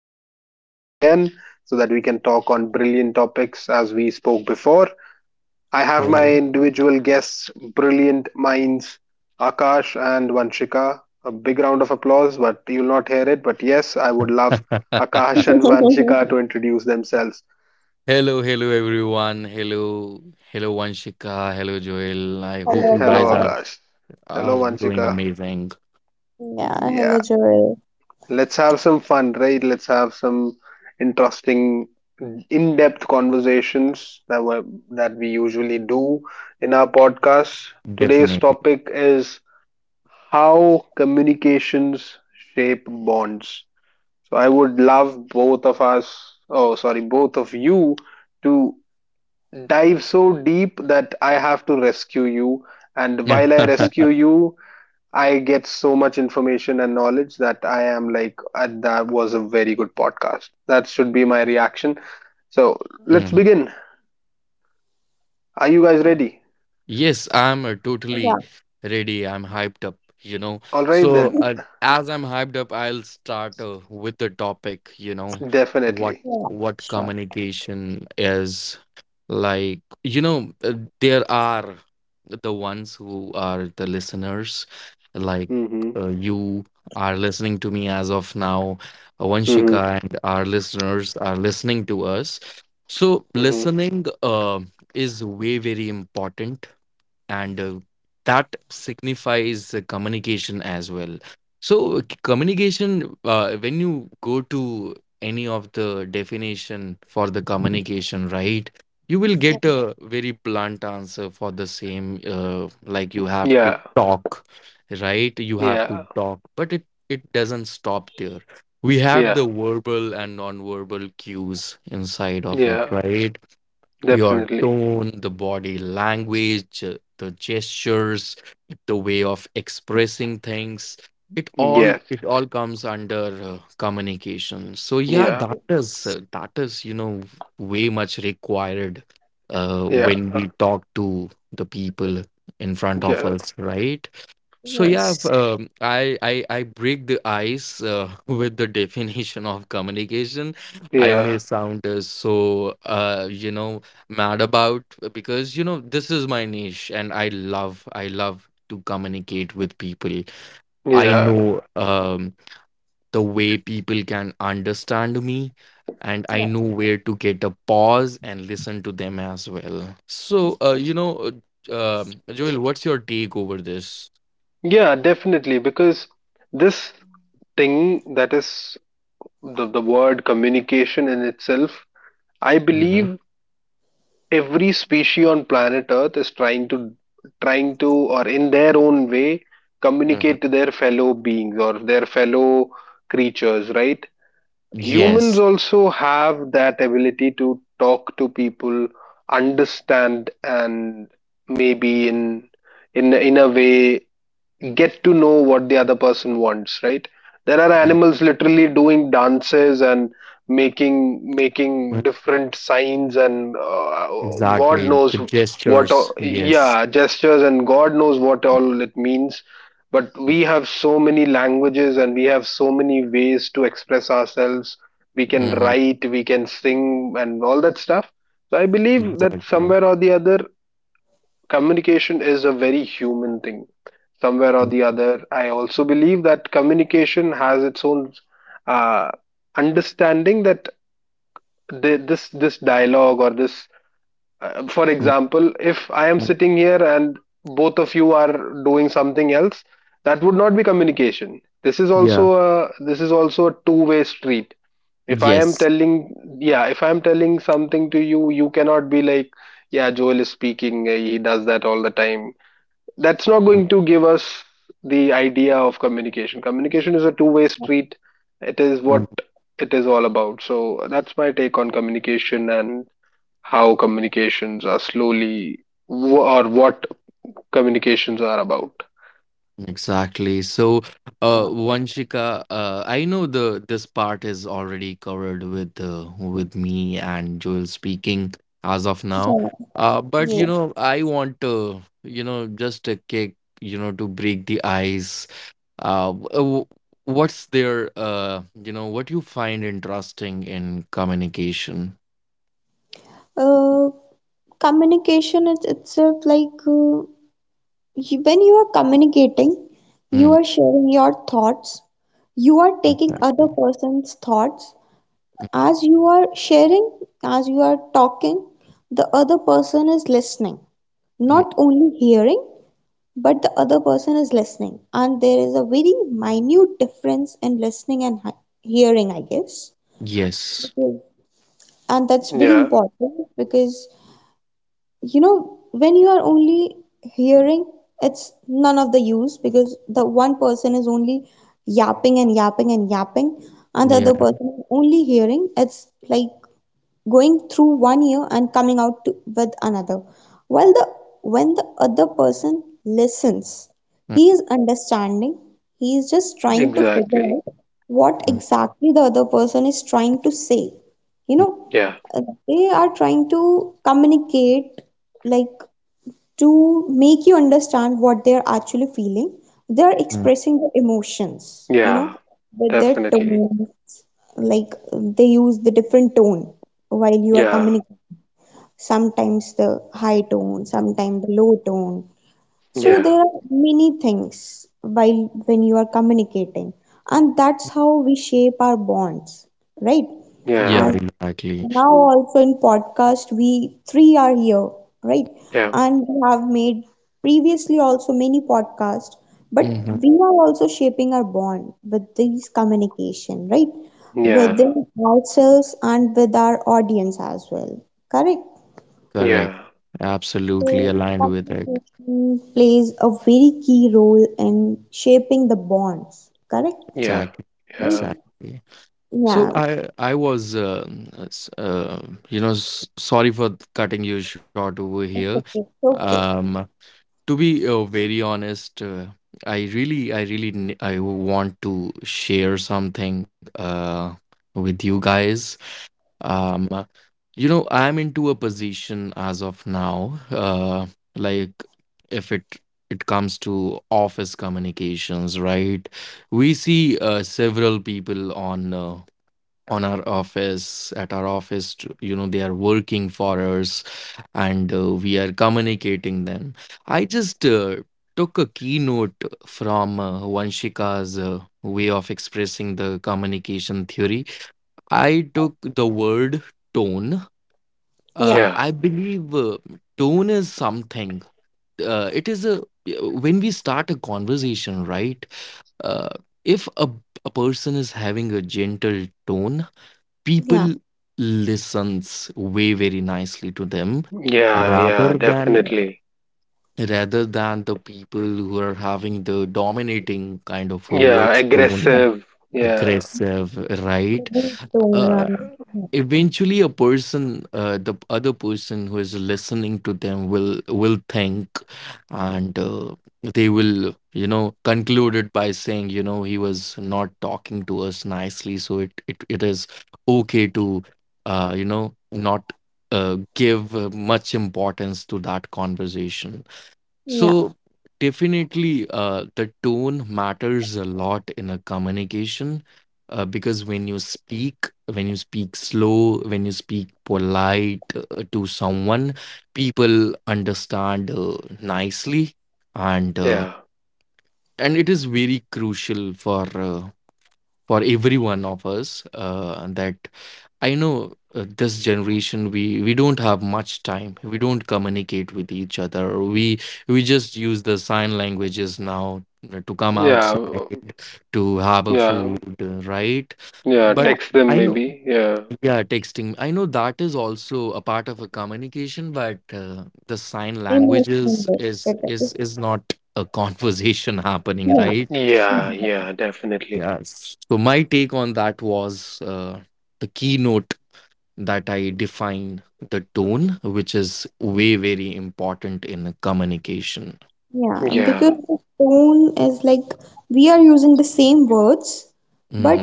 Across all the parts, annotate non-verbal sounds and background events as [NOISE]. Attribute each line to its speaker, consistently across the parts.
Speaker 1: here once again so that we can talk on brilliant topics as we spoke before. I have my
Speaker 2: Hello.
Speaker 1: individual guests, brilliant minds, Akash and Vanshika. A big round of applause, but you'll not hear it. But yes, I would
Speaker 2: [LAUGHS]
Speaker 1: love Akash and
Speaker 3: [LAUGHS]
Speaker 1: Vanshika to introduce themselves.
Speaker 2: Hello everyone. Hello Vanshika. Hello Joel. I
Speaker 3: Hello,
Speaker 2: hope you
Speaker 3: guys.
Speaker 1: Hello,
Speaker 2: guys are
Speaker 1: Akash. Hello,
Speaker 2: are doing
Speaker 1: Vanshika.
Speaker 2: amazing.
Speaker 3: Yeah, hello,
Speaker 1: Yeah.
Speaker 3: Joel.
Speaker 1: Let's have some fun, right? Let's have some interesting, in-depth conversations that we usually do in our podcast. Today's
Speaker 2: Definitely.
Speaker 1: topic is how communications shape bonds. So I would love both of us, oh sorry, both of you to dive so deep that I have to rescue you.
Speaker 2: [LAUGHS]
Speaker 1: And while I
Speaker 3: Yeah,
Speaker 1: rescue
Speaker 2: Mhm.
Speaker 1: you, I get so much information and knowledge that I am like, that was a very good podcast. That should be my reaction. So let's begin. Are you guys ready?
Speaker 2: Yes, I'm totally ready. I'm hyped up, you know.
Speaker 1: All right,
Speaker 2: So,
Speaker 1: then.
Speaker 2: uh, as I'm hyped up, I'll start with the topic, what
Speaker 1: Definitely.
Speaker 3: yeah,
Speaker 2: what
Speaker 3: sure.
Speaker 2: communication is like. There are the ones who are the listeners, like
Speaker 1: Mm-hmm.
Speaker 2: you are listening to me as of now,
Speaker 1: Mm-hmm.
Speaker 2: Vanshika, and our listeners are listening to us. So,
Speaker 1: Mm-hmm.
Speaker 2: listening, is way very important and that signifies communication as well. So communication, when you go to any of the definition for the communication, right, you will
Speaker 3: Yeah,
Speaker 2: get a very blunt answer for the same, like you have to
Speaker 1: Yeah.
Speaker 2: talk, right, you have
Speaker 1: Yeah.
Speaker 2: to talk. But it doesn't stop there. We have
Speaker 1: Yeah.
Speaker 2: the verbal and non-verbal cues inside of it,
Speaker 1: Yeah.
Speaker 2: right? Your
Speaker 1: Definitely.
Speaker 2: tone, the body language, the gestures, the way of expressing things. It all
Speaker 1: Yes.
Speaker 2: it all comes under communication. So yeah,
Speaker 1: Yeah.
Speaker 2: that
Speaker 3: y-
Speaker 2: is uh, that is you know way much required
Speaker 1: Yeah.
Speaker 2: when we talk to the people in front of
Speaker 1: Yeah.
Speaker 2: us, right? So yeah,
Speaker 3: yes.
Speaker 2: I break the ice [LAUGHS] with the definition of communication. I may
Speaker 1: Yeah.
Speaker 2: sound so you know mad about, because you know this is my niche and I love to communicate with people. I
Speaker 1: Yeah.
Speaker 2: know, the way people can understand me, and I
Speaker 3: Yeah,
Speaker 2: know where to get a pause and listen to them as well. So Joel, what's your take over this?
Speaker 1: Yeah. Definitely. Because this thing that is the word communication in itself, I
Speaker 2: Mm-hmm.
Speaker 1: believe every species on planet earth is trying to, or in their own way
Speaker 2: Mm-hmm.
Speaker 1: communicate to their fellow beings or their fellow creatures, right?
Speaker 3: yeah,
Speaker 2: Yes.
Speaker 1: Humans also have that ability to talk to people, understand, and maybe in a way get to know what the other person wants, right? There are
Speaker 2: Mhm.
Speaker 1: animals literally doing dances and making different signs and
Speaker 2: Exactly.
Speaker 1: god
Speaker 2: The
Speaker 1: knows what
Speaker 2: gestures.
Speaker 1: all,
Speaker 2: Yes.
Speaker 1: yeah, gestures and god knows what all it means, but we have so many languages and we have so many ways to express ourselves. We can
Speaker 2: Mm-hmm.
Speaker 1: write, we can sing and all that stuff. So I believe that
Speaker 2: Exactly.
Speaker 1: somewhere or the other communication is a very human thing. Somewhere or the other, I also believe that communication has its own uh, understanding that this dialogue or this for
Speaker 2: Mm-hmm.
Speaker 1: example, if I am sitting here and both of you are doing something else, that would not be communication. This is
Speaker 2: Yeah.
Speaker 1: also a two-way street. If I am
Speaker 2: Yes.
Speaker 1: telling, yeah, if I am telling something to you, you cannot be like, yeah, Joel is speaking, he does that all the time. That's not going to give us the idea of communication. Communication is a two-way
Speaker 3: yeah,
Speaker 1: street, it is
Speaker 2: Mhm.
Speaker 1: what it is all about. So that's my take on communication and how communications are slowly or what communications are about.
Speaker 2: Exactly. So,
Speaker 3: yeah,
Speaker 2: Vanshika, I know the this part is already covered with me and Joel speaking as of now.
Speaker 3: yeah, yeah.
Speaker 2: But you know, I want to, you know, just a kick, you know, to break the ice. Uh, w- uh, w- what's there? You know, what you find interesting in communication?
Speaker 3: Uh, Communication itself, when you are communicating, you
Speaker 2: Mm.
Speaker 3: are sharing your thoughts. You are taking other
Speaker 2: Exactly.
Speaker 3: person's thoughts.
Speaker 2: Mm.
Speaker 3: As you are sharing, as you are talking, the other person is listening,
Speaker 2: Mm.
Speaker 3: not only hearing, but the other person is listening, and there is a very minute difference in listening and hearing, I guess,
Speaker 2: Yes.
Speaker 3: because, and that's very
Speaker 1: Yeah,
Speaker 3: important because, you know, when you are only hearing, it's none of the use because the one person is only yapping and yapping and yapping, and the other
Speaker 2: Yeah.
Speaker 3: person is only hearing. It's like going through one ear and coming out with another. While the when the other person listens,
Speaker 2: Mm,
Speaker 3: he is understanding. He is just trying to figure
Speaker 1: exactly.
Speaker 3: out what
Speaker 2: mm,
Speaker 3: exactly the other person is trying to say. You
Speaker 2: mm,
Speaker 3: know,
Speaker 1: Yeah,
Speaker 3: uh, They are trying to communicate, like, to make you understand what they're actually feeling. They're
Speaker 2: mm,
Speaker 3: expressing their emotions, you
Speaker 1: yeah,
Speaker 3: know, with their
Speaker 1: definitely.
Speaker 3: tone, like they use the different tone while you are
Speaker 1: Yeah,
Speaker 3: communicating. Sometimes the high tone, sometimes the low tone.
Speaker 2: mm.
Speaker 3: So
Speaker 1: yeah,
Speaker 3: there are many things while when you are communicating, and that's how we shape our bonds, right?
Speaker 2: Yeah.
Speaker 1: yeah,
Speaker 3: As
Speaker 2: Exactly.
Speaker 3: now also in podcast we three are here, right,
Speaker 1: yeah,
Speaker 3: and we have made previously also many podcasts, but
Speaker 2: Hmm.
Speaker 3: we are also shaping our bond with these communication, right,
Speaker 2: Yeah.
Speaker 1: yeah,
Speaker 3: within ourselves and with our audience as well. Correct?
Speaker 1: yeah,
Speaker 2: Correct. Absolutely
Speaker 3: So
Speaker 2: aligned with it.
Speaker 3: communication plays a very key role in shaping the bonds, correct,
Speaker 1: yeah,
Speaker 2: Exactly.
Speaker 3: right?
Speaker 1: yeah,
Speaker 2: Exactly. So
Speaker 3: Yeah,
Speaker 2: I was s- uh, you know sorry for cutting you short over here.
Speaker 3: that's okay, okay.
Speaker 2: um. To be very honest, I want to share something with you guys. Um, uh, you know, I'm into a position as of now. Like, if it comes to office communications, right? We see several people on our office at our office, you know they are working for us and we are communicating them. I just took a keynote from Vanshika's way of expressing the communication theory. I took the word tone.
Speaker 3: Yeah,
Speaker 2: I
Speaker 1: yeah,
Speaker 2: believe tone is something, it is a, when we start a conversation, right? uh, if a person is having a gentle tone, people
Speaker 3: yeah,
Speaker 2: listens way very nicely to them,
Speaker 1: yeah,
Speaker 2: rather
Speaker 1: yeah,
Speaker 2: than
Speaker 1: definitely.
Speaker 2: rather than the people who are having the dominating kind of a
Speaker 1: Yeah,
Speaker 2: voice
Speaker 3: yeah.
Speaker 2: tone,
Speaker 1: aggressive. Yeah,
Speaker 2: aggressive, right?
Speaker 3: The tone
Speaker 2: Uh,
Speaker 3: and-
Speaker 2: eventually a person, the other person who is listening to them will think, and they will, you know, conclude it by saying, you know, he was not talking to us nicely, so it is okay to you know not give much importance to that conversation.
Speaker 3: Yeah,
Speaker 2: So definitely, the tone matters a lot in a communication, because when you speak slow, when you speak polite to someone, people understand nicely. And
Speaker 1: yeah,
Speaker 2: and it is very crucial for every one of us, that I know this generation, we don't have much time. We don't communicate with each other. We just use the sign languages now to come
Speaker 1: yeah,
Speaker 2: outside to have a
Speaker 1: yeah,
Speaker 2: food, right?
Speaker 1: yeah.
Speaker 2: But
Speaker 3: yeah,
Speaker 1: Text them
Speaker 2: I know,
Speaker 1: maybe. Yeah,
Speaker 2: yeah, texting. I know that is also a part of a communication, but the sign languages
Speaker 3: emotionally better.
Speaker 2: is not a [LAUGHS] conversation happening,
Speaker 3: Yeah,
Speaker 2: right?
Speaker 3: [LAUGHS]
Speaker 1: yeah,
Speaker 3: mhm.
Speaker 1: yeah, definitely.
Speaker 2: Yes. So my take on that was, the keynote that I define, the tone, which is way very important in a communication.
Speaker 3: Yeah, because
Speaker 1: Yeah,
Speaker 3: the tone is like we are using the same words,
Speaker 2: Hmm.
Speaker 3: but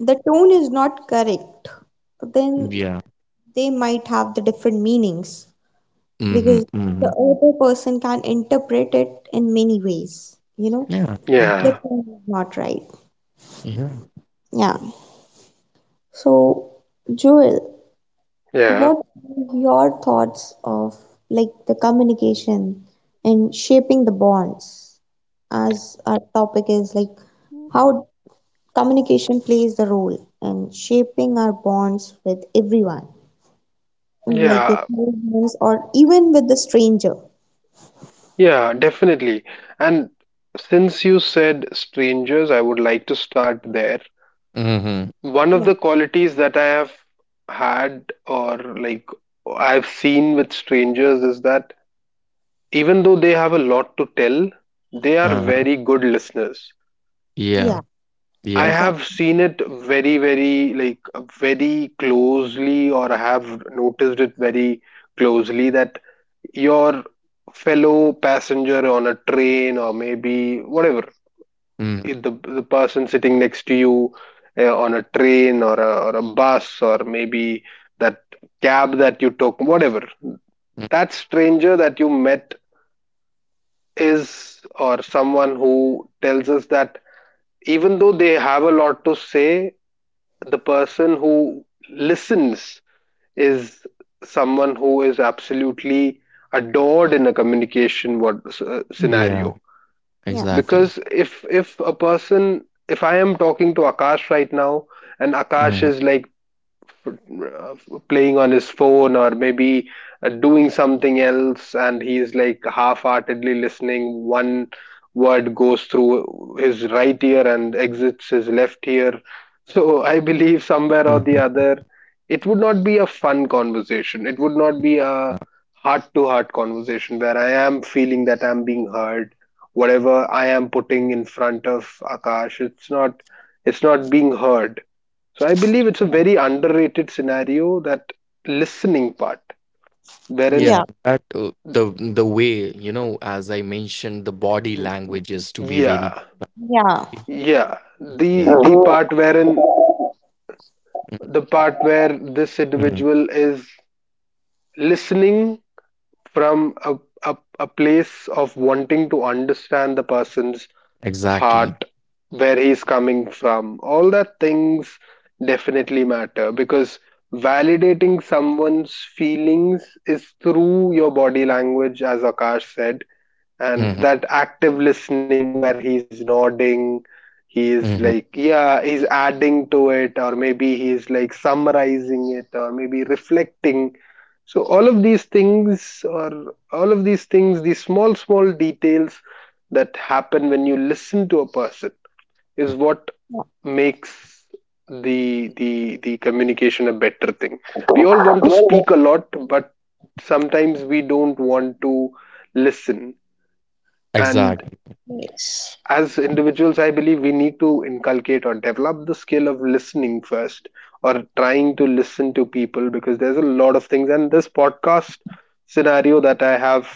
Speaker 3: the tone is not correct. Then
Speaker 2: Yeah.
Speaker 3: they might have the different meanings
Speaker 2: Hmm.
Speaker 3: because
Speaker 2: Hmm.
Speaker 3: the other person can interpret it in many ways, you know,
Speaker 2: Yeah. Exactly.
Speaker 3: the
Speaker 1: yeah,
Speaker 3: tone is not right.
Speaker 2: Yeah.
Speaker 3: Yeah. So, Joel,
Speaker 1: yeah,
Speaker 3: what are your thoughts of, like, the communication and shaping the bonds, as our topic is like how communication plays the role in shaping our bonds with everyone, like your
Speaker 1: yeah,
Speaker 3: close ones or even with the stranger.
Speaker 1: yeah, definitely. And since you said strangers, I would like to start there.
Speaker 2: Hmm.
Speaker 1: One of
Speaker 3: Yeah,
Speaker 1: the qualities that I have had, or like I've seen with strangers, is that even though they have a lot to tell, they are
Speaker 2: Uh,
Speaker 1: very good listeners.
Speaker 2: yeah.
Speaker 3: yeah,
Speaker 1: I
Speaker 2: Yeah.
Speaker 1: have
Speaker 3: exactly.
Speaker 1: seen it very, very like very closely, or I have noticed it very closely, that your fellow passenger on a train or maybe whatever,
Speaker 2: Hmm.
Speaker 1: if the person sitting next to you on a train or or a bus, or maybe that cab that you took, whatever, that stranger that you met is, or someone who tells us that even though they have a lot to say, the person who listens is someone who is absolutely adored in a communication what
Speaker 2: Yeah.
Speaker 1: scenario.
Speaker 3: Yeah,
Speaker 2: Exactly.
Speaker 1: Because if a person if I am talking to Akash right now and
Speaker 2: Hmm.
Speaker 1: Akash is like uh, playing on his phone, or maybe doing something else, and he's like half-heartedly listening, one word goes through his right ear and exits his left ear. So I believe
Speaker 2: Uh,
Speaker 1: somewhere or the other, it would not be a fun conversation, it would not be a heart to heart conversation where I am feeling that I'm being heard. Whatever I am putting in front of Akash, it's not being heard. So I believe it's a very underrated scenario, that listening part,
Speaker 2: yeah,
Speaker 1: wherein,
Speaker 2: that the way, you know, as I mentioned, the body language is to be very,
Speaker 1: yeah,
Speaker 3: yeah, yes,
Speaker 1: yeah,
Speaker 2: yeah.
Speaker 1: the part where this
Speaker 2: Mhm.
Speaker 1: individual is listening from a place of wanting to understand the person's
Speaker 2: Exactly.
Speaker 1: heart, where he's coming from, all that things definitely matter, because validating someone's feelings is through your body language, as Akash said,
Speaker 2: Mhm.
Speaker 1: and that active listening where he's nodding, he's
Speaker 2: Mhm.
Speaker 1: like, yeah, he's adding to it, or maybe he's like summarizing it or maybe reflecting. So all of these things, these small small details that happen when you listen to a person is what makes the communication a better thing. We all want to speak a lot, but sometimes we don't want to listen. And
Speaker 2: Exactly.
Speaker 1: as individuals, I believe we need to inculcate or develop the skill of listening first, or trying to listen to people, because there's a lot of things. And this podcast scenario that I have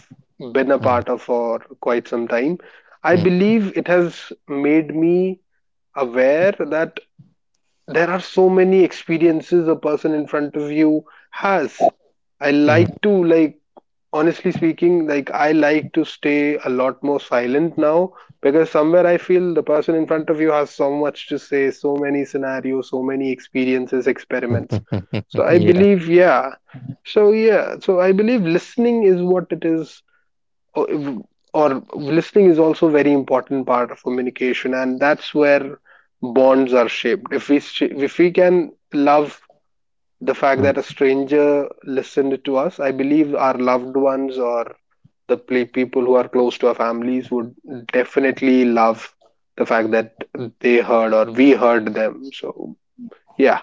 Speaker 1: been a
Speaker 2: Mhm.
Speaker 1: part of for quite some time, I
Speaker 2: Hmm.
Speaker 1: believe it has made me aware that there are so many experiences a person in front of you has. I like to like, honestly speaking, like I like to stay a lot more silent now, because somewhere I feel the person in front of you has so much to say, so many scenarios, so many experiences, experiments. So
Speaker 2: [LAUGHS]
Speaker 1: I
Speaker 2: Yeah.
Speaker 1: believe, yeah, so I believe listening is what it is, or, or listening is also a very important part of communication, and that's where bonds are shaped. If we, if we can love the fact
Speaker 2: Mm.
Speaker 1: that a stranger listened to us, I believe our loved ones or people who are close to our families would definitely love the fact that they heard or we heard them. So yeah.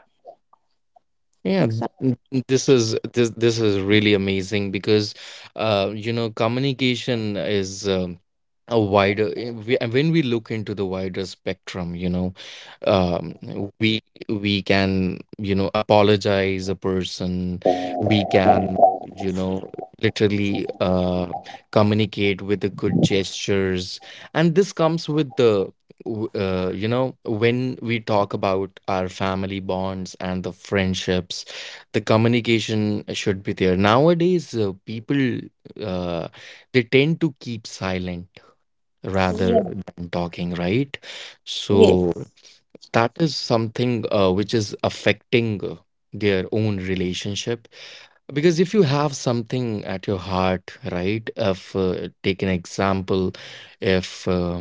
Speaker 2: Yeah. Mm.
Speaker 3: exactly.
Speaker 2: This is this is really amazing because, you know, communication is, a wider. We, and when we look into the wider spectrum, you know, um, we we can, you know, apologize a person. We can, you know, literally communicate with the good gestures. And this comes with the you know, when we talk about our family bonds and the friendships, the communication should be there. Nowadays, people, uh, they tend to keep silent rather
Speaker 3: Yeah,
Speaker 2: than talking, right? So
Speaker 3: yes.
Speaker 2: that is something, which is affecting their own relationship, because if you have something at your heart, right? If take an example, if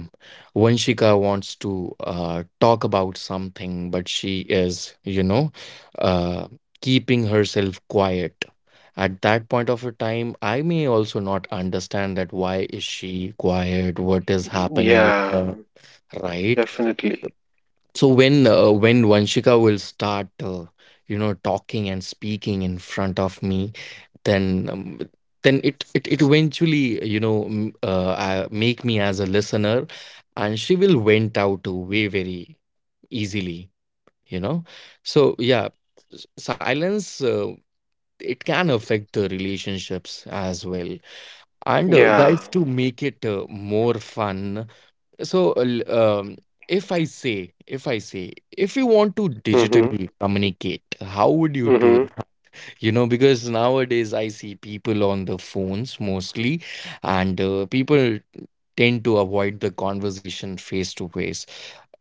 Speaker 2: Vanshika wants to talk about something, but she is, you know, uh, keeping herself quiet. At that point of a time, I may also not understand that why is she quiet? What is happening with
Speaker 1: Yeah,
Speaker 2: her, right?
Speaker 1: definitely.
Speaker 2: So when Vanshika will start, you know, talking and speaking in front of me, then um, then it eventually, you know, make me as a listener, and she will vent out way very easily, you know. So yeah, silence, it can affect the relationships as well. And
Speaker 1: Yeah.
Speaker 2: guys, to make it more fun, so if I say if you want to
Speaker 1: Mhm.
Speaker 2: digitally communicate, how would you do
Speaker 1: Mhm.
Speaker 2: that? You know, because nowadays I see people on the phones mostly, and people tend to avoid the conversation face to face.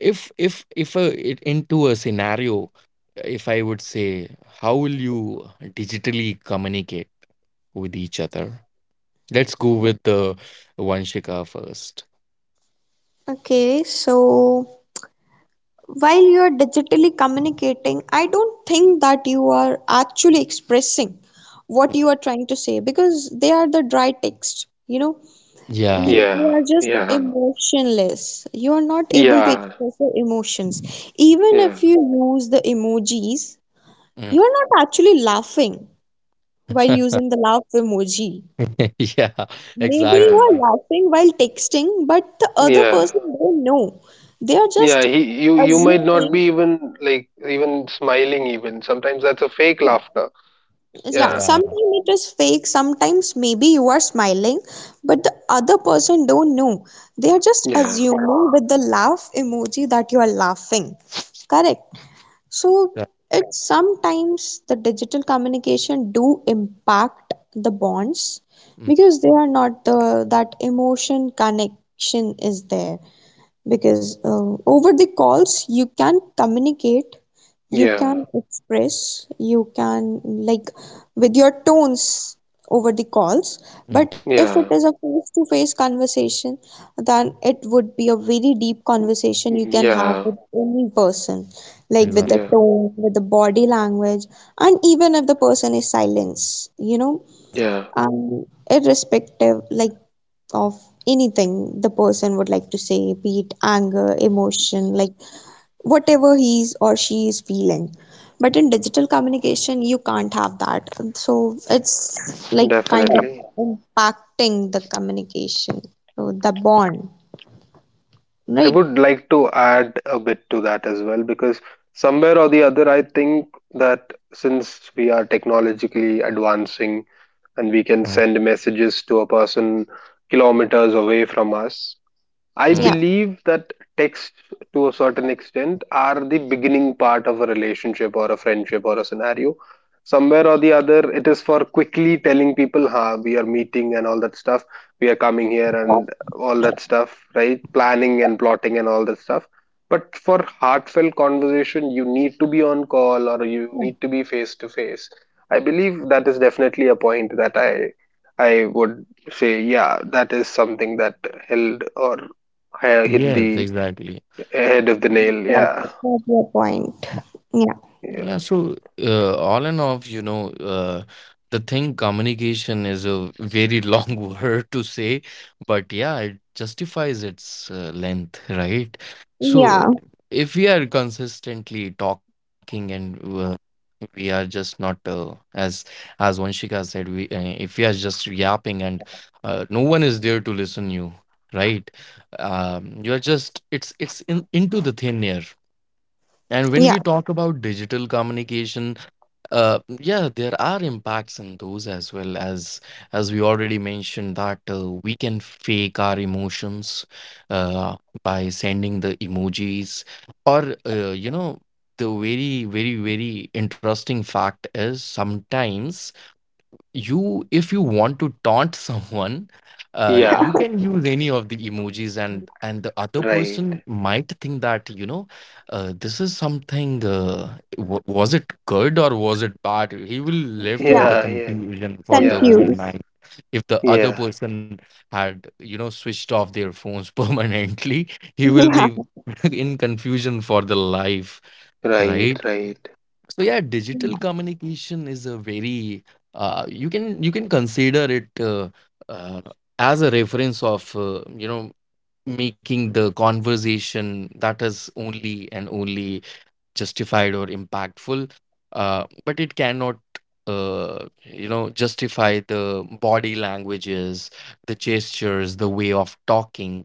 Speaker 2: If a, it, into a scenario, if I would say, how will you digitally communicate with each other? Let's go with the Vanshika first.
Speaker 3: Okay, so, while you are digitally communicating, I don't think that you are actually expressing what you are trying to say because they are the dry text, you know,
Speaker 2: Yeah.
Speaker 1: Yeah,
Speaker 3: they are just
Speaker 1: yeah,
Speaker 3: emotionless. You are not able to
Speaker 1: yeah,
Speaker 3: express your emotions. Even
Speaker 1: yeah.
Speaker 3: if you use the emojis,
Speaker 2: Mm.
Speaker 3: you are not actually laughing while
Speaker 2: [LAUGHS]
Speaker 3: using the laugh emoji.
Speaker 2: Yeah,
Speaker 3: Maybe you
Speaker 1: Yeah,
Speaker 2: exactly.
Speaker 3: are laughing while texting, but the other
Speaker 1: yeah,
Speaker 3: person don't know. They are
Speaker 1: yeah.
Speaker 3: just
Speaker 1: He, you might not
Speaker 3: assuming.
Speaker 1: be even like even smiling. Even sometimes that's a fake
Speaker 3: Yeah,
Speaker 1: laughter.
Speaker 3: yeah,
Speaker 1: Yeah,
Speaker 2: Yeah.
Speaker 3: sometimes it is fake, sometimes maybe you are smiling, but the other person don't know. They are just
Speaker 1: yeah,
Speaker 3: assuming with the laugh emoji that you are laughing, correct? So
Speaker 2: Yeah.
Speaker 3: it sometimes the digital communication do impact the bonds
Speaker 2: Mm.
Speaker 3: because they are not the, that emotion connection is there, because over the calls you can communicate, you
Speaker 1: yeah,
Speaker 3: can express, you can, like, with your tones over the calls.
Speaker 2: Mm.
Speaker 3: But if it
Speaker 1: yeah,
Speaker 3: is a face to face conversation, then it would be a very deep conversation you can have
Speaker 1: yeah,
Speaker 3: with any person, like with the
Speaker 1: yeah,
Speaker 2: Exactly.
Speaker 3: tone, with the body language, and even if the person is silence, you know,
Speaker 1: yeah.
Speaker 3: um, irrespective, like, of anything, the person would like to say, be it anger, emotion, like whatever he's or she is feeling, but in digital communication you can't have that. So it's like kind of
Speaker 1: Definitely.
Speaker 3: impacting the communication, so the bond,
Speaker 1: I
Speaker 3: right?
Speaker 1: would like to add a bit to that as well, because somewhere or the other, I think that since we are technologically advancing and we can
Speaker 2: Mm.
Speaker 1: send messages to a person kilometers away from us, I
Speaker 2: Mm.
Speaker 3: Yeah,
Speaker 1: believe that texts, to a certain extent, are the beginning part of a relationship or a friendship or a scenario. Somewhere or the other, it is for quickly telling people, "Ha, we are meeting and all that stuff. We are coming here and all that stuff, right? Planning and plotting and all that stuff." But for heartfelt conversation, you need to be on call or you need to be face to face. I believe that is definitely a point that I would say, yeah, that is something that held, or I hit
Speaker 2: Yes,
Speaker 1: the
Speaker 2: exactly.
Speaker 1: head of the nail. Yeah,
Speaker 3: that's your point. Yeah,
Speaker 1: yeah,
Speaker 2: Yeah, so all in all, you know, the thing communication is a very long [LAUGHS] word to say, but yeah, it justifies its length, right?
Speaker 3: yeah,
Speaker 2: So if we are consistently talking and we are just not as as Vanshika said, we if we are just yapping and no one is there to listen you, right? You're just it's in, into the thin air. And when we
Speaker 3: yeah,
Speaker 2: talk about digital communication, yeah, there are impacts in those as well, as we already mentioned that we can fake our emotions uh, by sending the emojis, or you know the very interesting fact is sometimes, you if you want to taunt [LAUGHS] someone, you
Speaker 1: yeah.
Speaker 2: can use any of the emojis, and the other person
Speaker 1: Right.
Speaker 2: might think that, you know, this is something was it good or was it bad, he will left
Speaker 3: yeah,
Speaker 2: with the
Speaker 1: Yeah, yeah,
Speaker 2: confusion for the
Speaker 1: yeah,
Speaker 2: whole
Speaker 3: confused.
Speaker 2: night. If the other
Speaker 1: yeah.
Speaker 2: person had, you know, switched off their phones [LAUGHS] permanently, he will
Speaker 3: [LAUGHS]
Speaker 2: be
Speaker 3: Yeah,
Speaker 2: [LAUGHS] in confusion for the life,
Speaker 1: Right,
Speaker 2: right?
Speaker 1: right.
Speaker 2: So yeah, digital communication is a very you can consider it uh, as a reference of you know, making the conversation that is only and only justified or impactful, but it cannot you know justify the body languages, the gestures, the way of talking.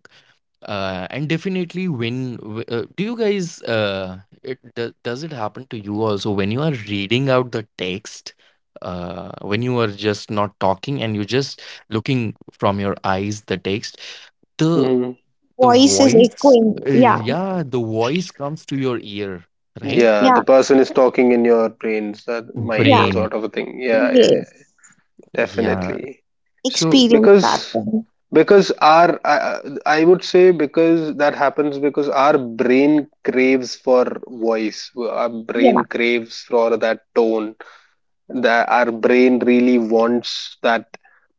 Speaker 2: And definitely when do you guys it do, does it happen to you also when you are reading out the text, when you are just not talking and you just looking from your eyes the text, the
Speaker 1: Hmm.
Speaker 2: the
Speaker 3: voice is
Speaker 2: voice,
Speaker 3: echoing, yeah.
Speaker 2: yeah, the voice comes to your ear,
Speaker 1: Yeah,
Speaker 2: right?
Speaker 3: Yeah,
Speaker 1: the person is talking in your brains, that mind
Speaker 3: yeah.
Speaker 1: or sort
Speaker 2: Brain.
Speaker 1: of a thing. Yeah, yeah, yeah.
Speaker 3: Yes,
Speaker 2: Yeah.
Speaker 1: Definitely.
Speaker 2: So
Speaker 3: experience that
Speaker 1: Because
Speaker 3: one.
Speaker 1: because our I would say because that happens because our brain craves for voice, our brain
Speaker 3: Yeah,
Speaker 1: craves for that tone, that our brain really wants that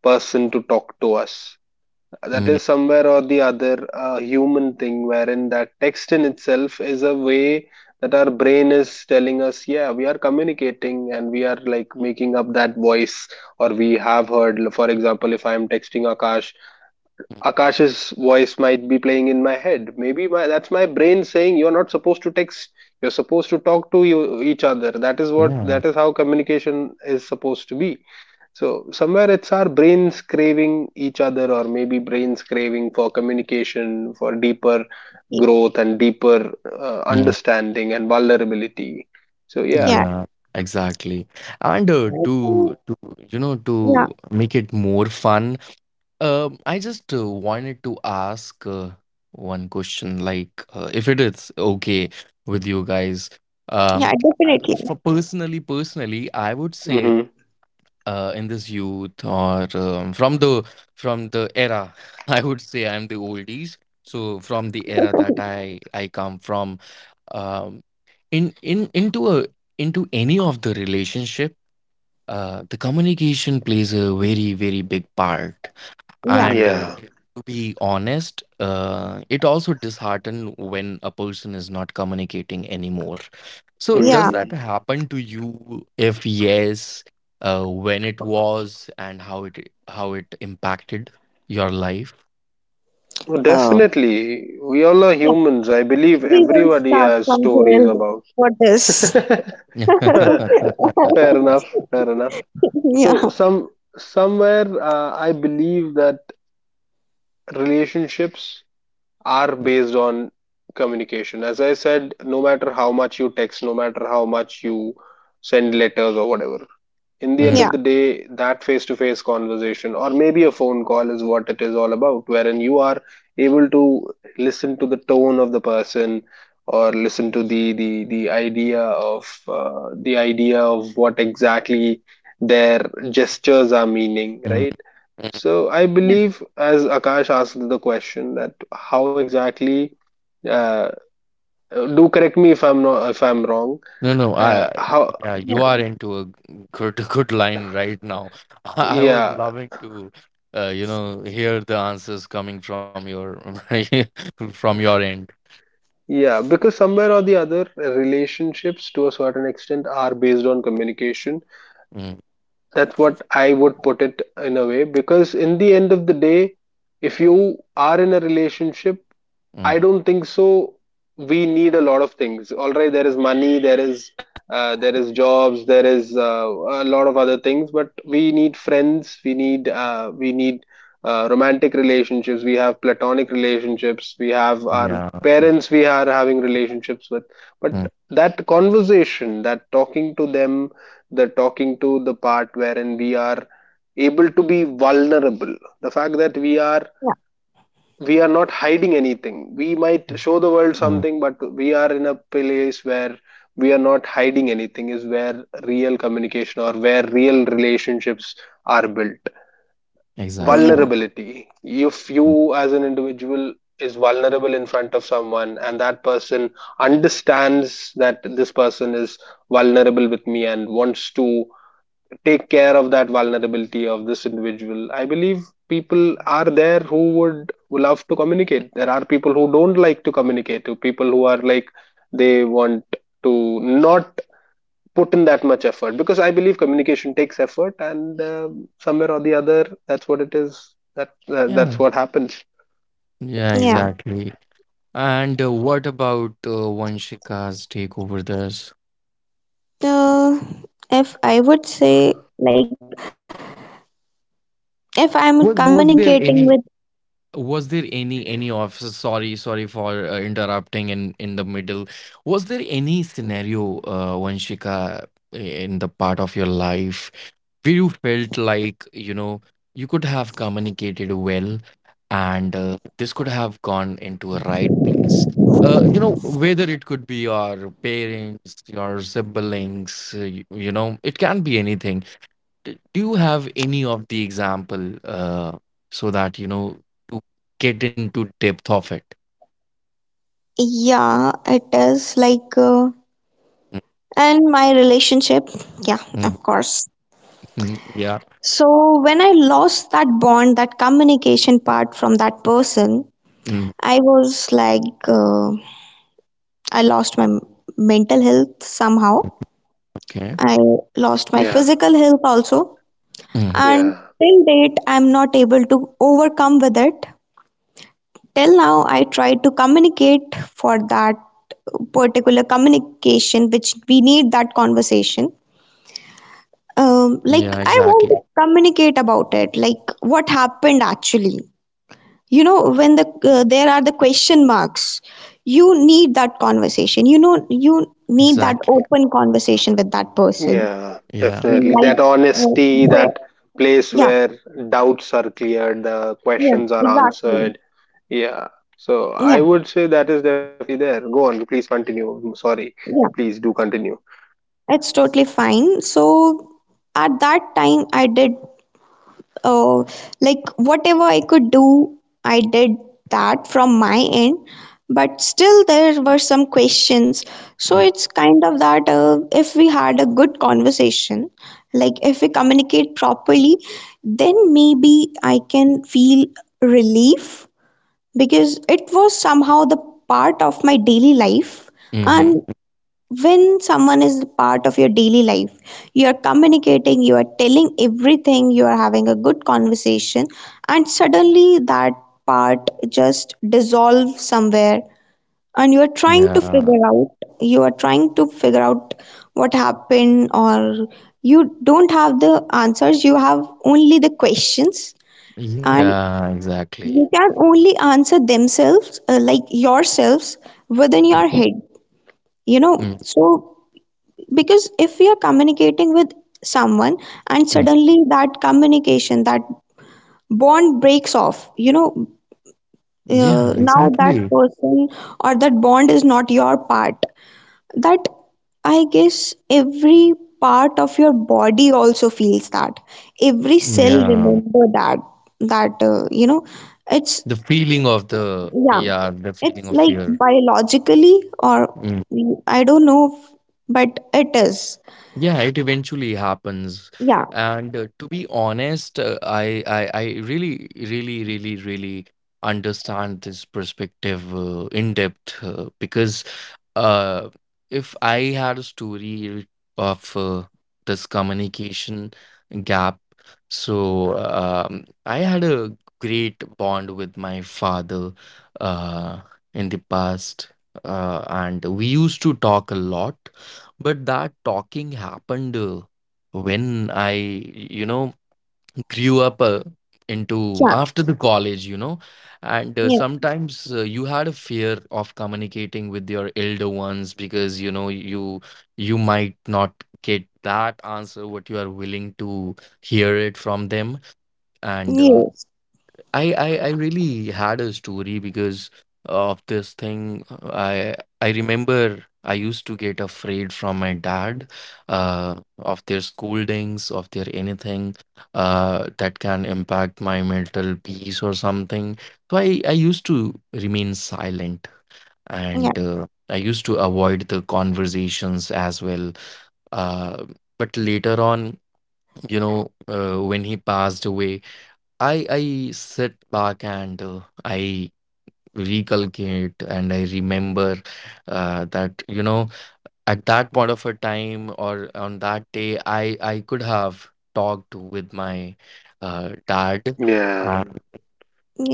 Speaker 1: person to talk to us. That is
Speaker 2: mm,
Speaker 1: somewhere or the other a human thing, wherein that text in itself is a way that our brain is telling us, yeah, we are communicating and we are like making up that voice, or we have heard, for example, if I am texting Akash, Akash's voice might be playing in my head. Maybe that's my brain saying you're not supposed to text. You're supposed to talk to each other. That is what, that
Speaker 2: yeah
Speaker 1: is how communication is supposed to be. So somewhere it's our brains craving each other, or maybe brains craving for communication, for deeper
Speaker 3: y-
Speaker 1: growth and deeper
Speaker 2: mm,
Speaker 1: understanding and vulnerability. So yeah.
Speaker 3: yeah.
Speaker 2: yeah exactly. And
Speaker 3: I think,
Speaker 2: to you know, to
Speaker 3: yeah,
Speaker 2: make it more fun, um, I just wanted to ask one question, like if it is okay with you guys. Um,
Speaker 3: yeah,
Speaker 2: I-
Speaker 3: definitely.
Speaker 2: for personally, personally, I would say
Speaker 1: Hmm.
Speaker 2: in this youth or from the era, [LAUGHS] I would say I'm the oldies. So from the era that
Speaker 3: [LAUGHS]
Speaker 2: I come from, um, in into a into any of the relationship, the communication plays a very very big part.
Speaker 3: Yeah,
Speaker 2: And
Speaker 1: Yeah.
Speaker 2: to be honest, it also disheartened when a person is not communicating anymore. So, does
Speaker 3: yeah.
Speaker 2: that
Speaker 1: Mhm.
Speaker 2: happen to you? If yes, when it was and how it impacted your life?
Speaker 1: Oh,
Speaker 3: Oh,
Speaker 1: definitely. We all are
Speaker 3: yeah.
Speaker 1: humans. I believe
Speaker 3: We will
Speaker 1: everybody
Speaker 3: start
Speaker 1: has
Speaker 3: from
Speaker 1: stories
Speaker 3: Joel
Speaker 1: about.
Speaker 3: for this.
Speaker 1: [LAUGHS] Fair
Speaker 2: [LAUGHS]
Speaker 1: enough.
Speaker 3: [LAUGHS]
Speaker 1: Fair enough.
Speaker 3: Yeah,
Speaker 1: So somewhere I believe that relationships are based on communication. As I said, no matter how much you text, no matter how much you send letters or whatever, in the end
Speaker 2: Mm,
Speaker 3: yeah,
Speaker 1: of the day, that face to face conversation or maybe a phone call is what it is all about, wherein you are able to listen to the tone of the person, or listen to the idea of what exactly their gestures are meaning,
Speaker 2: mm.
Speaker 1: right? So I
Speaker 3: yeah,
Speaker 1: believe as Akash asked the question that how exactly uh, do correct me if I'm wrong.
Speaker 2: No, no, I-
Speaker 1: How,
Speaker 2: yeah, you
Speaker 3: yeah,
Speaker 2: are into a good [LAUGHS] good line right now. [LAUGHS] I was
Speaker 1: yeah.
Speaker 2: loving to you know hear the answers coming from your [LAUGHS] from your end.
Speaker 1: Yeah, because somewhere or the other, relationships to a certain extent are based on communication.
Speaker 2: Mm,
Speaker 1: That's what I would put it in a way. Because in the end of the day, if you are in a relationship,
Speaker 2: mm,
Speaker 1: I don't think so. We need a lot of things. All right, there is money, there is jobs, there is a lot of other things, but we need friends. We need romantic relationships. We have platonic relationships. We have our
Speaker 2: yeah.
Speaker 1: parents. We are having relationships with,
Speaker 2: Mm,
Speaker 1: but that conversation, that talking to them, the talking to the part wherein we are able to be vulnerable. The fact that
Speaker 3: yeah,
Speaker 1: we are not hiding anything. We
Speaker 2: mm,
Speaker 1: might show the world
Speaker 2: mm,
Speaker 1: something, but we are in a place where we are not hiding anything, is where real communication or where real relationships are built.
Speaker 3: yeah,
Speaker 2: exactly.
Speaker 1: Vulnerability. If you, as an individual, is vulnerable in front of someone, and that person understands that this person is vulnerable with me and wants to take care of that vulnerability of this individual. I believe people are there who would love to communicate. There are people who don't like to communicate, to people who are like they want to not put in that much effort, because I believe communication takes effort, and somewhere or the other, that's what it is. That's
Speaker 2: Yeah.
Speaker 1: what happens.
Speaker 2: Yeah,
Speaker 3: yeah.
Speaker 2: exactly. And what about Vanshika's take over this?
Speaker 3: Uh, if I would say, like, if I'm
Speaker 2: Was
Speaker 3: communicating
Speaker 2: there
Speaker 3: with,
Speaker 2: any was there any officer, sorry for interrupting in the middle. Was there any scenario, Vanshika, in the part of your life where you felt like, you know, you could have communicated well and this could have gone into a right place, you know, whether it could be your parents, your siblings, you, you know, it can be anything. Do you have any of the example, so that you know, to get into depth of it.
Speaker 3: yeah, it is like, and my relationship, yeah,
Speaker 2: Mm,
Speaker 3: of course.
Speaker 2: mm, yeah.
Speaker 3: So when I lost that bond, that communication part from that person,
Speaker 2: Mm,
Speaker 3: I was like, uh, I lost my mental health somehow.
Speaker 2: okay.
Speaker 3: I lost my
Speaker 1: Yeah,
Speaker 3: physical health also.
Speaker 2: Hmm.
Speaker 3: And
Speaker 1: yeah,
Speaker 3: till date, I'm not able to overcome with it. Till now, I try to communicate for that particular communication, which we need that conversation. Like,
Speaker 2: Yeah,
Speaker 3: I want
Speaker 2: exactly,
Speaker 3: to communicate about it, like what happened actually, you know, when the there are the question marks, you need that conversation, you know, you need that
Speaker 2: exactly,
Speaker 3: open conversation with that person,
Speaker 1: yeah,
Speaker 2: yeah.
Speaker 1: definitely.
Speaker 3: like
Speaker 1: That
Speaker 3: uh,
Speaker 1: honesty,
Speaker 3: where,
Speaker 1: that place
Speaker 3: yeah,
Speaker 1: where doubts are cleared, the
Speaker 3: yeah,
Speaker 1: questions are
Speaker 3: exactly.
Speaker 1: answered. Yeah. So
Speaker 3: Yeah,
Speaker 1: I would say that is definitely there. Go on, please continue. I'm sorry.
Speaker 3: yeah,
Speaker 1: Please do continue.
Speaker 3: it's totally fine. So at that time I did, uh, like whatever I could do, I did that from my end. But still, there were some questions. So
Speaker 2: Mm,
Speaker 3: it's kind of that, if we had a good conversation, like if we communicate properly, then maybe I can feel relief because it was somehow the part of my daily life. And
Speaker 2: hmm,
Speaker 3: when someone is part of your daily life, you are communicating, you are telling everything, you are having a good conversation, and suddenly that part just dissolves somewhere, and
Speaker 2: yeah,
Speaker 3: you are trying to figure out what happened, or you don't have the answers, you have only the questions, and
Speaker 2: yeah, exactly.
Speaker 3: you can only answer themselves, like yourselves, within
Speaker 2: Mm,
Speaker 3: your head, you know.
Speaker 2: mm,
Speaker 3: So because if we are communicating with someone and
Speaker 2: mm.
Speaker 3: suddenly that communication, that bond breaks off, you know,
Speaker 2: Yeah,
Speaker 3: now that
Speaker 2: exactly,
Speaker 3: person or that bond is not your part. That, I guess, every part of your body also feels that, every cell
Speaker 2: yeah.
Speaker 3: remember that, that you know,
Speaker 2: The
Speaker 3: it's,
Speaker 2: feeling of the,
Speaker 3: yeah,
Speaker 2: yeah, the feeling of
Speaker 3: it's like
Speaker 2: fear.
Speaker 3: biologically or
Speaker 2: Mm.
Speaker 3: I don't know, but it is,
Speaker 2: Yeah, it eventually happens.
Speaker 3: yeah,
Speaker 2: And to be honest, uh, I really, really, really, really understand this perspective in depth, because uh, if I had a story of, this communication gap, so I had a great bond with my father uh, in the past, and we used to talk a lot, but that talking happened when I, you know, grew up into
Speaker 3: yeah.
Speaker 2: after the college, you know, and sometimes you had a fear of communicating with your elder ones, because you know, you might not get that answer what you are willing to hear it from them. And uh,
Speaker 3: Yes,
Speaker 2: I, I I really had a story because of this thing. I remember I used to get afraid from my dad, of their scoldings, of their anything that can impact my mental peace or something. So I used to remain silent,
Speaker 3: yeah,
Speaker 2: and I used to avoid the conversations as well. Uh, but later on, you know, when he passed away, I sit back and I recalculate, and I remember that you know, at that point of a time or on that day, I could have talked with my dad.
Speaker 1: Yeah.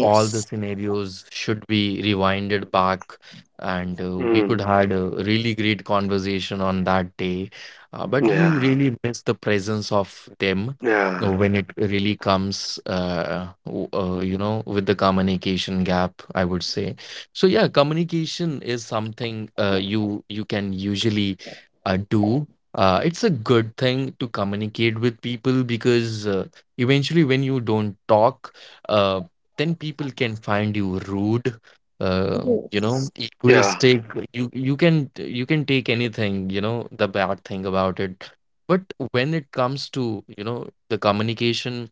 Speaker 2: All the scenarios should be rewinded back, and we could
Speaker 1: Mm.
Speaker 2: had a really great conversation on that day, but you
Speaker 1: Yeah.
Speaker 2: really miss the presence of them
Speaker 1: Yeah.
Speaker 2: when it really comes, you know, with the communication gap, I would say. So yeah, communication is something you you can usually do. It's a good thing to communicate with people, because eventually when you don't talk, uh, then people can find you rude, you
Speaker 3: yes,
Speaker 2: know,
Speaker 1: Yeah.
Speaker 2: egoistic. You can, you can take anything, you know, the bad thing about it. But when it comes to, you know, the communication,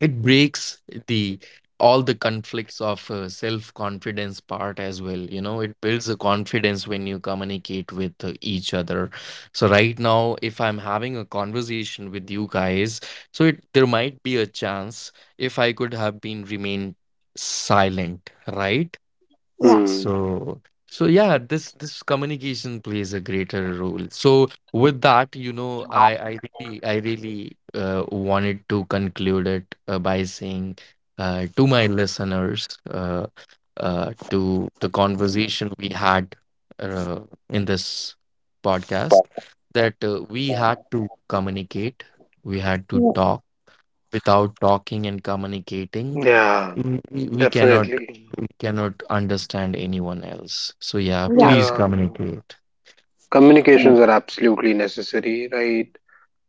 Speaker 2: it breaks the, all the conflicts of self confidence part as well. You know, it builds a confidence when you communicate with each other. So right now if I'm having a conversation with you guys, so it, there might be a chance if I could have been remained silent, right?
Speaker 3: yeah,
Speaker 1: Mm.
Speaker 2: So so yeah, this communication plays a greater role. So with that, you know, I really, I really wanted to conclude it by saying to my listeners, to the conversation we had uh, in this podcast, that we had to communicate, we had to
Speaker 3: yeah,
Speaker 2: talk. Without talking and communicating,
Speaker 1: Yeah.
Speaker 2: mm, we cannot,
Speaker 1: Definitely.
Speaker 2: we cannot understand anyone else. So yeah,
Speaker 3: yeah,
Speaker 2: please
Speaker 1: Yeah.
Speaker 2: communicate.
Speaker 3: yeah,
Speaker 1: Communications are absolutely necessary, right?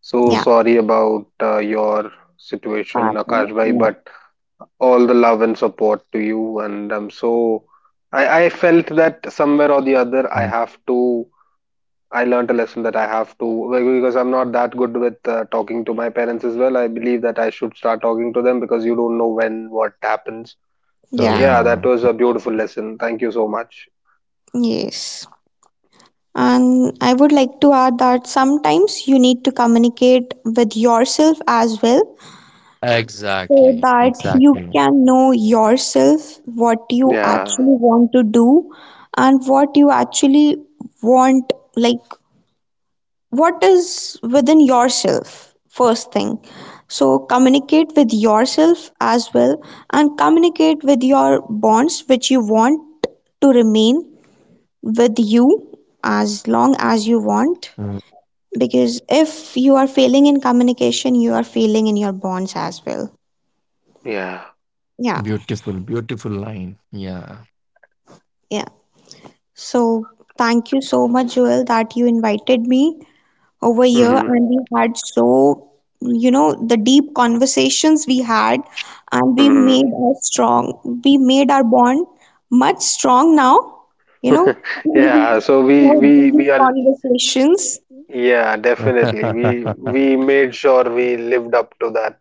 Speaker 1: So
Speaker 2: Mm,
Speaker 3: yeah,
Speaker 1: sorry about your situation,
Speaker 3: father,
Speaker 1: Akash bhai,
Speaker 3: yeah,
Speaker 1: but all the love and support to you. And I'm so, I felt that somewhere or the other, I
Speaker 2: mm,
Speaker 1: have to, I learned a lesson that I have to, like, because I'm not that good with talking to my parents as well. I believe that I should start talking to them because you don't know when what happens. So
Speaker 3: yeah,
Speaker 1: yeah,
Speaker 2: yeah,
Speaker 1: that was a beautiful lesson. Thank you so much.
Speaker 3: yes. And I would like to add that sometimes you need to communicate with yourself as well, so
Speaker 2: exactly,
Speaker 3: that you
Speaker 2: exactly.
Speaker 3: can know yourself, what you
Speaker 1: Yeah,
Speaker 3: actually want to do, and what you actually want, like what is within yourself, first thing. So communicate with yourself as well, and communicate with your bonds which you want to remain with you as long as you want,
Speaker 2: Mm.
Speaker 3: because if you are failing in communication, you are failing in your bonds as well.
Speaker 1: yeah.
Speaker 3: Yeah,
Speaker 2: Beautiful, beautiful line, yeah.
Speaker 3: yeah. So thank you so much, Joel, that you invited me over
Speaker 2: Mm.
Speaker 3: here,
Speaker 1: Mm-hmm.
Speaker 3: and we had so, you know, the deep conversations we had, and
Speaker 1: Mm-hmm.
Speaker 3: we made our bond much strong now, you know, [LAUGHS]
Speaker 1: [LAUGHS] Yeah. So we
Speaker 3: with
Speaker 1: we we
Speaker 3: these
Speaker 1: are
Speaker 3: conversations.
Speaker 1: yeah, definitely, we
Speaker 2: [LAUGHS]
Speaker 1: made sure we lived up to that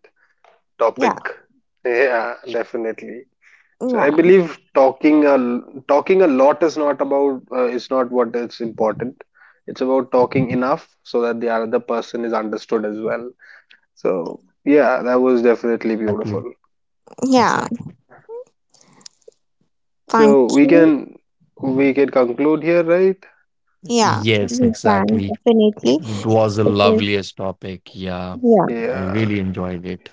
Speaker 3: Yeah,
Speaker 1: topic. Yeah, definitely. So I
Speaker 3: yeah,
Speaker 1: believe talking a lot is not about, is not what is important. It's about talking enough so that the other person is understood as well. So yeah, that was definitely
Speaker 2: Exactly,
Speaker 1: beautiful.
Speaker 3: yeah,
Speaker 2: exactly.
Speaker 3: thank
Speaker 1: So we
Speaker 3: you.
Speaker 1: can, we can conclude here, right?
Speaker 3: Yeah,
Speaker 2: Yes,
Speaker 3: we can
Speaker 2: exactly, it
Speaker 3: definitely,
Speaker 2: it was the
Speaker 3: because,
Speaker 2: loveliest topic, yeah.
Speaker 3: yeah,
Speaker 2: I
Speaker 1: Yeah,
Speaker 2: really enjoyed it,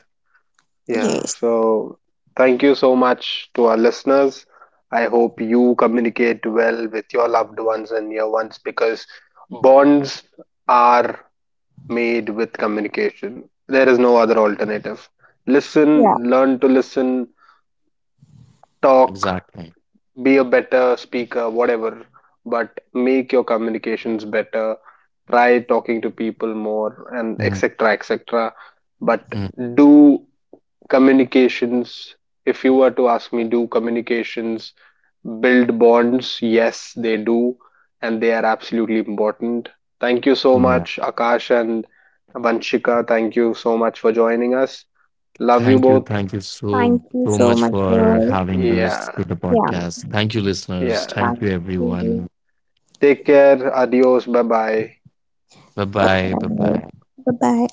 Speaker 1: yeah.
Speaker 3: yes,
Speaker 1: So thank you so much to our listeners. I hope you communicate well with your loved ones and near ones, because bonds are made with communication. There is no other alternative.
Speaker 3: yeah.
Speaker 1: Listen, learn to listen, talk,
Speaker 2: exactly.
Speaker 1: be a better speaker, whatever, but make your communications better. Try talking to people more and
Speaker 2: Mm,
Speaker 1: etc. etc. But do communications. If you were to ask me, do communications build bonds. Yes, they do, and they are absolutely important. Thank you so
Speaker 2: mm, yeah.
Speaker 1: much, Akash and Vanshika. Thank you so much for joining us. Love you
Speaker 2: Thank you.
Speaker 1: both.
Speaker 2: Thank you
Speaker 3: Thank
Speaker 2: so,
Speaker 3: you
Speaker 2: so
Speaker 3: so
Speaker 2: much
Speaker 3: much,
Speaker 2: for
Speaker 3: girl.
Speaker 2: having us
Speaker 1: Yeah,
Speaker 2: to the
Speaker 3: Yeah,
Speaker 2: podcast. Thank you, listeners.
Speaker 1: yeah.
Speaker 3: thank
Speaker 2: Thank you,
Speaker 3: you.
Speaker 2: everyone.
Speaker 1: Take care. Adios. Bye bye.
Speaker 2: Bye
Speaker 3: Bye
Speaker 2: bye. Bye
Speaker 3: bye.
Speaker 2: bye.
Speaker 3: Bye bye.